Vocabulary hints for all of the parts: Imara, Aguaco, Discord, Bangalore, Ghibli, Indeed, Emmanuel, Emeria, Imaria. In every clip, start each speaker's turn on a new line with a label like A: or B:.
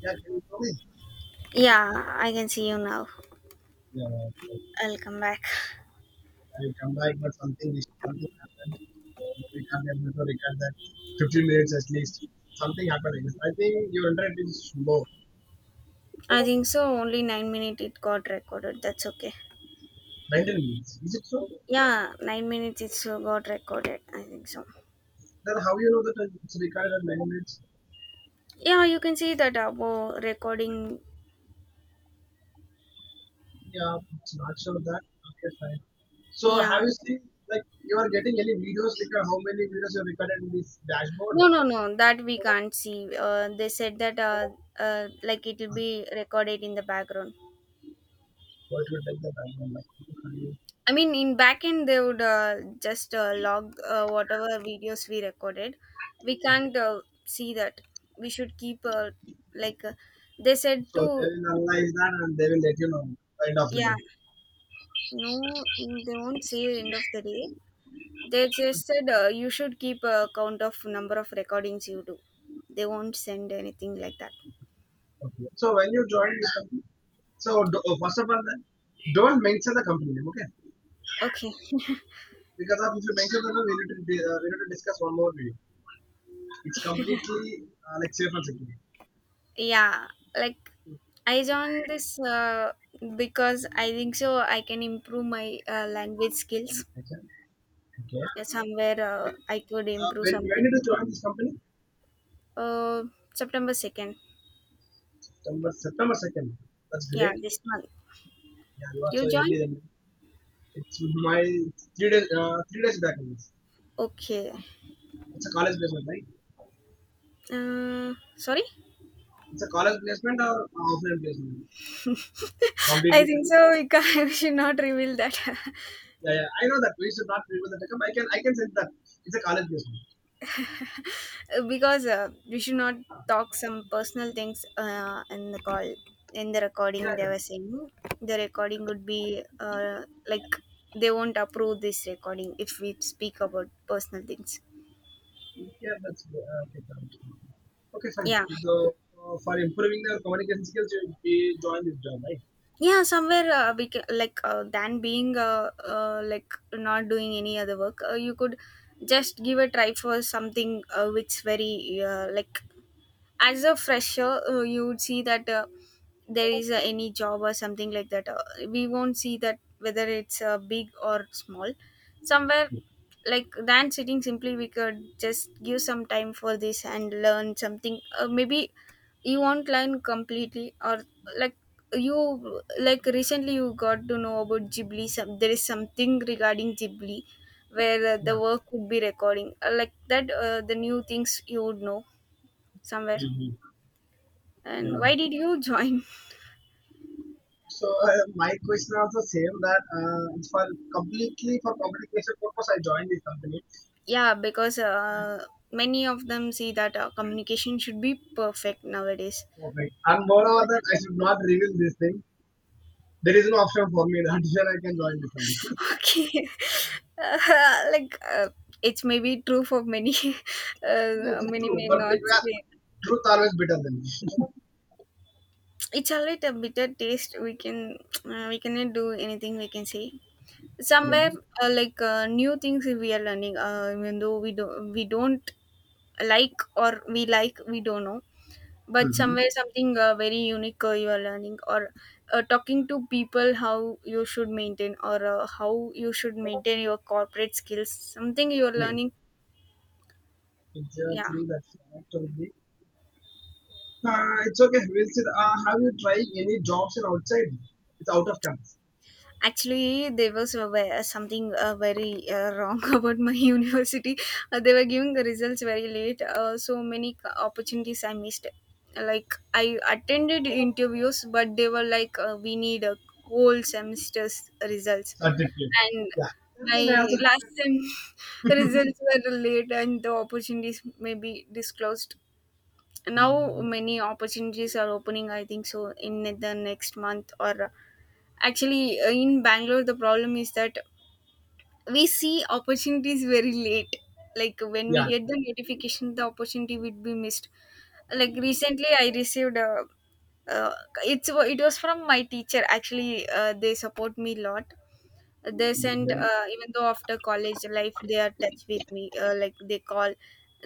A: Yeah, can you come in?
B: Yeah, I can see you now.
A: Yeah, okay.
B: I'll come back.
A: I will come back, but something happened. We can't able to record that. 15 minutes at least. Something happened. Yes, I think your internet is low.
B: I think so. Only 9 minutes it got recorded. That's okay.
A: 19 minutes. Is it so?
B: Yeah, 9 minutes it so got recorded. I think so.
A: Then how you know that it's recorded at 9 minutes?
B: Yeah, you can see that about recording.
A: Yeah, it's not sure of that. Okay, fine. So have
B: Yeah.
A: you seen like you are getting any videos like how many videos you recorded in this dashboard?
B: No, no, no. That we can't see. They said that like it will be recorded in the background.
A: What will take the time? Like,
B: I mean, in backend, they would just log whatever videos we recorded. We can't see that. We should keep, like, they said
A: so they
B: to,
A: will analyze that and they will let you know end of the
B: yeah,
A: day.
B: no, they won't say end of the day. They just said you should keep a count of number of recordings you do. They won't send anything like that.
A: Okay. So when you join this company, so do, first of all, then don't mention the company name, okay?
B: Okay.
A: Because of, if you mention the name, we need to we need to discuss one more video. It's completely like safe and security.
B: Yeah, like, I joined this because I think so I can improve my language skills.
A: Okay. Okay.
B: Yeah, somewhere
A: Like,
B: I could improve
A: when
B: something.
A: did you join this company?
B: Uh, September 2nd.
A: September September 2nd. That's
B: Yeah,
A: great.
B: this month.
A: Yeah, you are so
B: You
A: early.
B: join?
A: Then. It's my 3 days 3 days back. Only. It's
B: Okay.
A: a college placement, right?
B: Sorry?
A: It's a college placement or offline placement?
B: I
A: Completely.
B: think so. We, can, we should not reveal that.
A: Yeah, yeah. I know that we should not reveal the telecom. I can send that. It's a college based.
B: Because we should not
A: Ah,
B: talk some personal things in the call. In the
A: yeah,
B: recording, they
A: yeah.
B: were saying the recording would be like they won't approve this recording if we speak about personal things.
A: Yeah, that's good. Okay, fine. Okay, fine.
B: Yeah.
A: So, for improving the communication skills, you join this job, right?
B: Yeah, somewhere we ca like than being like not doing any other work, you could just give a try for something which very like, as a fresher, you would see that there is any job or something like that, we won't see that whether it's big or small somewhere. Like than sitting simply, we could just give some time for this and learn something. Maybe you won't learn completely, or like, you like recently you got to know about Ghibli. Some, there is something regarding Ghibli where the
A: Yeah.
B: work would be recording, like that the new things you would know somewhere.
A: Hmm.
B: And why
A: Yeah.
B: did you join?
A: So, my question also same that it's for completely for communication purpose, I joined this company.
B: Yeah, because many of them see that communication should be perfect nowadays.
A: Okay. And moreover,
B: But
A: that I should not reveal this thing. There is no option for me that here I can join this company.
B: okay, like it's maybe true for many.
A: Yes, it's
B: Many
A: true.
B: may
A: But
B: not
A: it, yeah,
B: say
A: truth always better than.
B: it's a little bitter taste. We can we cannot do anything. We can say
A: yeah.
B: somewhere like, new things we are learning. Even though we don't like, or we don't know, but
A: Mm-hmm.
B: somewhere something very unique you are learning, or talking to people how you should maintain, or how you should maintain your corporate skills, something you are
A: Yeah,
B: learning. Yeah.
A: exactly. That's correct. Only. It's okay. We said, have you tried any jobs in outside? It's out of campus.
B: Actually, there was a, something very wrong about my university. They were giving the results very late. So many opportunities I missed. Like, I attended interviews, but they were like, "We need a whole semester's results."
A: Certificate.
B: And
A: Yeah. Everything
B: my
A: has
B: last sem
A: happened.
B: results were late, and the opportunities may be disclosed. Now
A: Mm,
B: many opportunities are opening. I think so in the next month or actually, in Bangalore, the problem is that we see opportunities very late. Like when we
A: yeah.
B: get the notification, the opportunity would be missed. Like recently, I received a. Uh, it was from my teacher. Actually, they support me a lot. They send
A: Okay.
B: even though after college life they are touch with me. Like they call,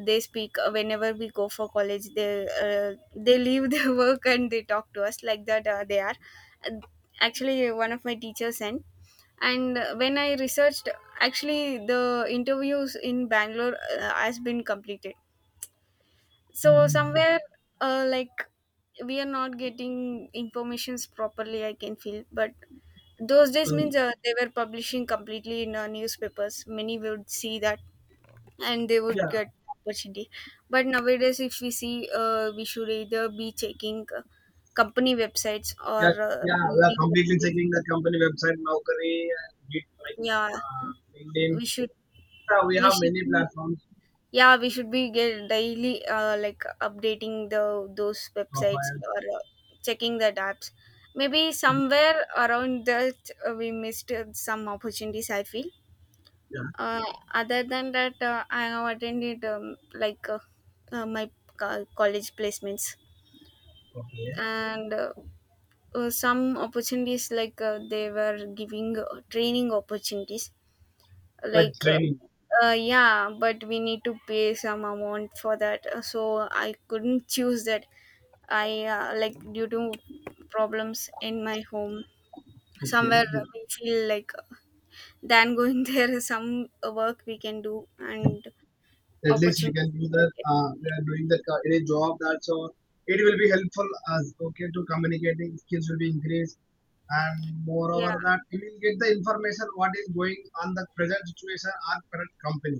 B: they speak. Whenever we go for college, they they leave their work and they talk to us like that. They are. Uh, Actually, one of my teachers sent, and when I researched, actually the interviews in Bangalore has been completed. So
A: Mhm.
B: somewhere, like, we are not getting informations properly, I can feel. But those days
A: So,
B: means they were publishing completely in newspapers, many would see that and they
A: yeah.
B: would get opportunity. But nowadays if we see, we should either be checking company websites or
A: Yeah. Yeah. We are
B: Indeed
A: completely
B: websites.
A: checking the company website, Naukri, and Git, like
B: Yeah,
A: LinkedIn.
B: we should
A: Yeah, we
B: we
A: have
B: should
A: many
B: be
A: platforms,
B: yeah, we should be get daily like updating the those websites
A: profiles.
B: or checking the apps. Maybe
A: Mhm.
B: somewhere around that we missed some opportunities, I feel.
A: Yeah.
B: Uh, other than that, I have attended like, my college placements
A: Okay.
B: and some opportunities like they were giving training opportunities
A: Like
B: like,
A: training.
B: yeah, but we need to pay some amount for that. So I couldn't choose that. I Like, due to problems in my home somewhere,
A: Okay.
B: we feel like than going, there is some work we can do, and
A: At least we
B: opportunities
A: can do
B: we can
A: that
B: get.
A: we are doing that in a job. That's all. It will be helpful as okay to communicating skills will be increased, and
B: Yeah,
A: moreover that you will get the information what is going on the present situation or current company,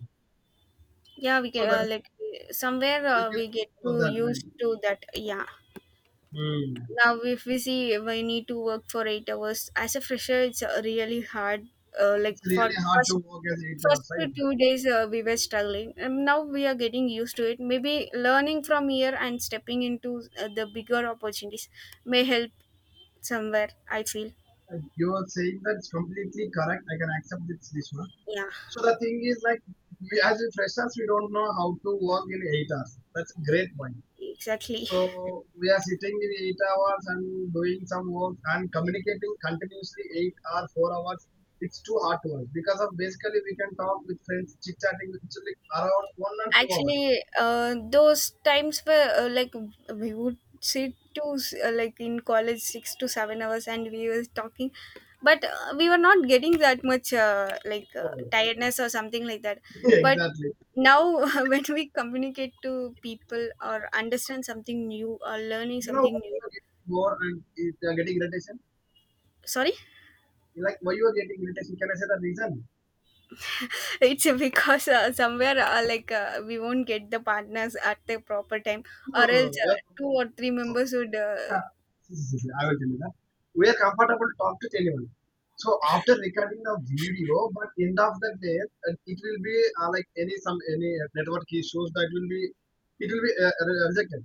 B: yeah, we
A: so
B: can
A: that
B: like somewhere
A: we can
B: we get
A: explore
B: to
A: that, right.
B: used to that. Yeah,
A: Hmm.
B: now if we see, we need to work for 8 hours as a fresher. It's really hard, like
A: It's
B: for
A: really hard to
B: first
A: work as 8 day
B: first
A: outside.
B: 2 days, we were struggling, and now we are getting used to it. Maybe learning from here and stepping into the bigger opportunities may help somewhere, I feel.
A: You are saying that's completely correct. I can accept this one.
B: Yeah,
A: So the thing is like we, as a freshers, we don't know how to work in 8 hours. That's a great point.
B: exactly.
A: So we are sitting in 8 hours and doing some work and communicating continuously 8 or 4 hours. It's too hard to us because of basically we can talk with friends, chit chatting with each other around 1 and 2 hours.
B: Actually, those times were like, we would sit to like, in college 6 to 7 hours, and we were talking, but we were not getting that much like
A: Oh,
B: tiredness or something like that. But
A: exactly.
B: now, when we communicate to people or understand something new or learning
A: You know
B: something
A: what
B: new,
A: you are getting more and you are getting irritation.
B: sorry,
A: Like why you are getting irritation? Can I say the reason?
B: it's because somewhere like, we won't get the partners at the proper time,
A: No,
B: or
A: no, no.
B: else
A: No. We are
B: two or three
A: comfortable.
B: members would.
A: See, see, see, I will tell you that. We are comfortable to talk to anyone. So after recording the video, but end of the day, it will be like any some any network issues that will be, it will be rejected.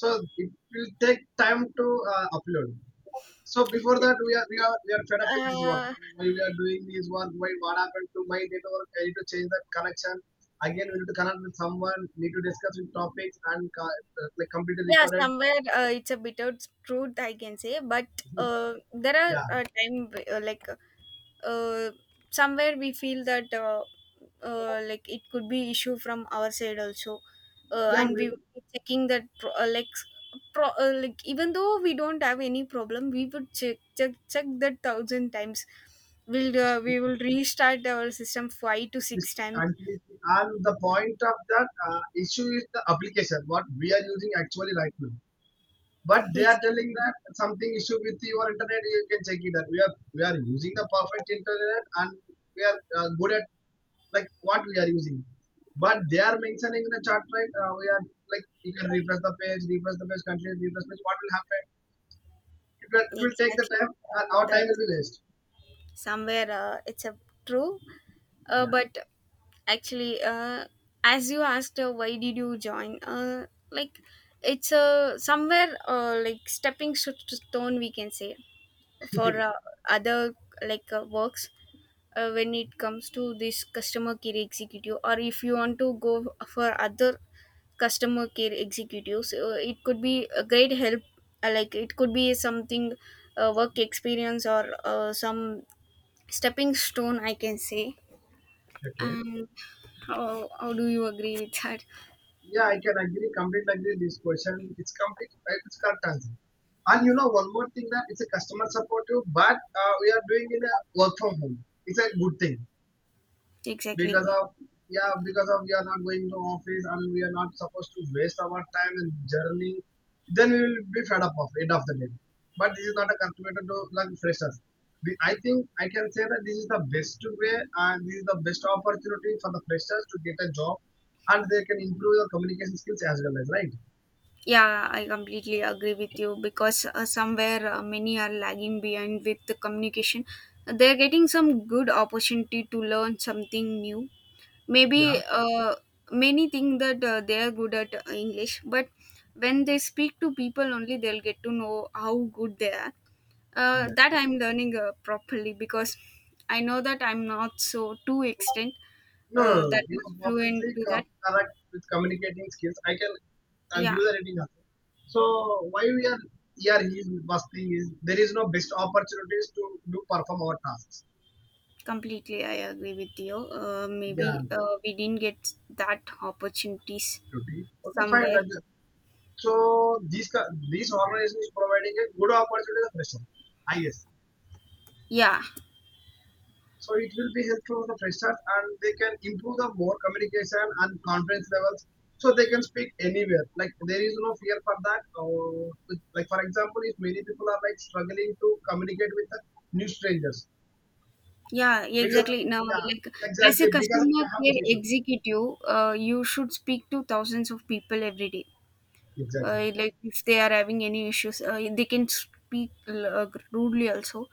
A: So it will take time to upload. So before that, we are fed up with this work.
B: uh,
A: Why we are doing this work? Why what happened to my network? I need to change that connection. Again, we need to connect with someone. Need to discuss with topics and like completely
B: Yeah,
A: recorded.
B: somewhere it's a bit of truth I can say, but there are
A: Yeah,
B: time like uh, somewhere we feel that like, it could be issue from our side also,
A: yeah.
B: and we would be checking that like like, even though we don't have any problem, we would check check check that thousand times. We will restart our system five to
A: This
B: six times.
A: continuously. And the point of that issue is the application, what we are using actually right now. But they are
B: Exactly,
A: telling that something issue with your internet, you can check it that we are using the perfect internet and we are good at like what we are using. But they are mentioning in the chart, right, we are like you can refresh the page, continue, refresh the page. What will happen? It will take the
B: exactly.
A: time. And our
B: That
A: time will be waste.
B: somewhere it's a true,
A: Yeah.
B: but actually, as you asked why did you join, like, it's a somewhere like, stepping stone we can say, for other like works, when it comes to this customer care executive, or if you want to go for other customer care executives, it could be a great help, like it could be something work experience or some stepping stone, I can say.
A: okay.
B: And how do you agree with that?
A: Yeah, I can agree, completely agree with this question. It's complete, it's curtains. And you know, one more thing that it's a customer support you, but we are doing in a work from home. It's a good thing
B: Exactly.
A: because of, yeah, because of we are not going to office and we are not supposed to waste our time in journey, then we will be fed up of it of the day. But this is not a calculated to like freshers. I think I can say that this is the best way, and this is the best opportunity for the freshers to get a job, and they can improve their communication skills as well as, right.
B: Yeah, I completely agree with you because somewhere many are lagging behind with the communication. They're getting some good opportunity to learn something new.
A: Yeah,
B: Maybe many think that they are good at English, but when they speak to people only, they'll get to know how good they are. That
A: yeah.
B: I'm learning properly, because I know that I'm not so too extent
A: No, no, no. No.
B: that
A: You are
B: much fluent to that.
A: correct with communicating skills. I can argue
B: Yeah,
A: the rating also. So why we are here is first thing is there is no best opportunities to do perform our tasks.
B: completely I agree with you, maybe
A: Yeah,
B: we didn't get that opportunities
A: duty. Okay, fine.
B: somewhere.
A: That is. So these organizations providing a good opportunity for pressure.
B: Yeah,
A: So it will be helpful for the freshers, and they can improve the more communication and confidence levels. So they can speak anywhere. Like there is no fear for that. Like for example, if many people are like struggling to communicate with the new strangers
B: yeah,
A: because,
B: exactly. Now,
A: yeah,
B: like, as a
A: exactly, because
B: customer
A: I have
B: care
A: this issue.
B: executive, you should speak to thousands of people every day,
A: Exactly.
B: like if they are having any issues, they can speak rudely also.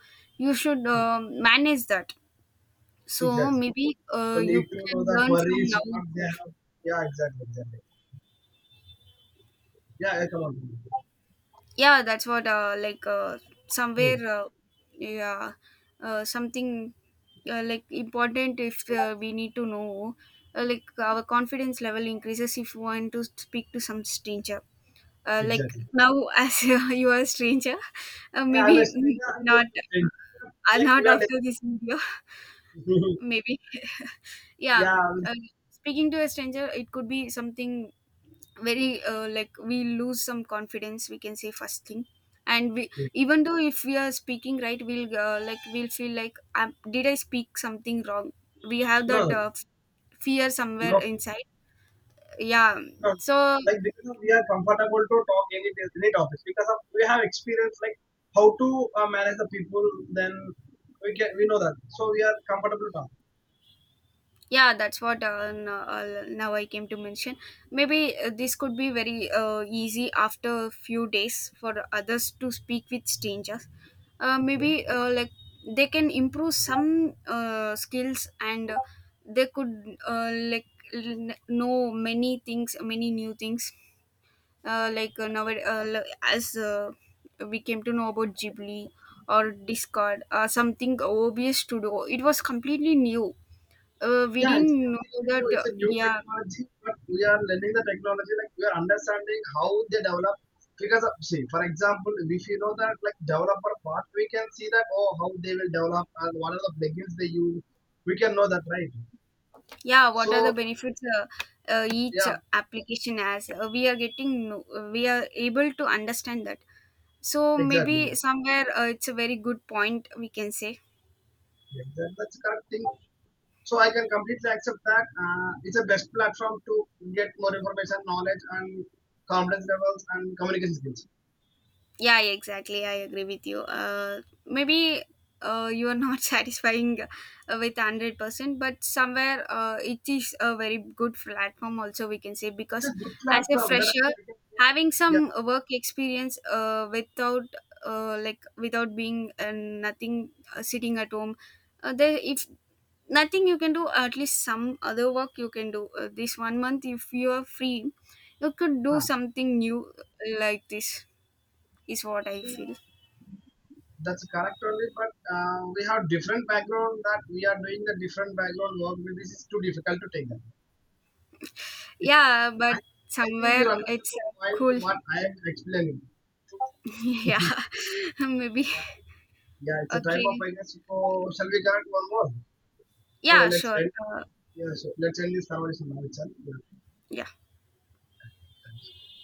B: You should
A: Mm,
B: manage that. So
A: exactly.
B: maybe
A: So
B: you
A: need to know
B: can
A: the
B: learn from
A: queries
B: now
A: what they
B: itself.
A: have. Yeah, exactly, exactly. Yeah, yeah, come on.
B: Yeah, that's what, like, somewhere,
A: Mm,
B: yeah, something like important, if we need to know like, our confidence level increases if we want to speak to some stranger, like
A: exactly.
B: now as you are a stranger,
A: Yeah, I'm a
B: maybe
A: stranger and you
B: not,
A: are a stranger. Like
B: not
A: you are.
B: after this video. Maybe yeah, uh, speaking to a stranger, it could be something very like, we lose some confidence, we can say, first thing. And we,
A: yeah.
B: even though if we are speaking right, we'll like, we'll feel like, did I speak something wrong, we have
A: No,
B: that
A: no,
B: fear somewhere
A: no.
B: inside. Yeah,
A: No.
B: so,
A: Like because we are comfortable to talk any topics because of, we have experience like how to manage the people. Then we can we know that, so we are comfortable to talk.
B: yeah, that's what, now I came to mention. Maybe this could be very easy after a few days for others to speak with strangers. Maybe like, they can improve some skills, and they could like know many things, many new things. Like now, as we came to know about Ghibli or Discord, something obvious to do. It was completely new, we
A: Yeah,
B: didn't know that.
A: it's a new
B: Yeah,
A: technology, but we are learning the technology. Like we are understanding how they develop. Because of, see, for example, if you know that like developer part, we can see that, oh, how they will develop and what are the plugins they use. We can know that, right.
B: yeah. What are the
A: So
B: benefits each
A: yeah,
B: application has? We are getting, we are able to understand that. So maybe
A: exactly.
B: somewhere it's a very good point, we can say.
A: Yes, that's the correct thing. So I can completely accept that. It's a best platform to get more information, knowledge, and confidence levels and communication skills.
B: Yeah, yeah, exactly. I agree with you. Maybe you are not satisfying with 100%, but somewhere it is a very good platform. Also, we can say,
A: It's
B: because
A: a good
B: as a
A: platform that
B: fresher,
A: I can,
B: having
A: yeah, yeah,
B: some work experience without like, without being nothing, sitting at home, there if nothing you can do, at least some other work you can do. This 1 month, if you are free, you could
A: uh,
B: do something new like this, is what I feel.
A: that's correct only. But we have different background that we are doing the different background work. But this is too difficult to take that. It-
B: Yeah, but
A: I think you
B: somewhere
A: understand
B: it's
A: the point to
B: cool.
A: what I am explaining.
B: Yeah,
A: yeah,
B: maybe.
A: yeah, it's a time of
B: Okay.
A: I guess. So shall we connect one more? So
B: Yeah,
A: let's
B: sure.
A: end.
B: Uh,
A: Yeah, so let's end this conversation now itself. Yeah.
B: yeah.
A: Thanks.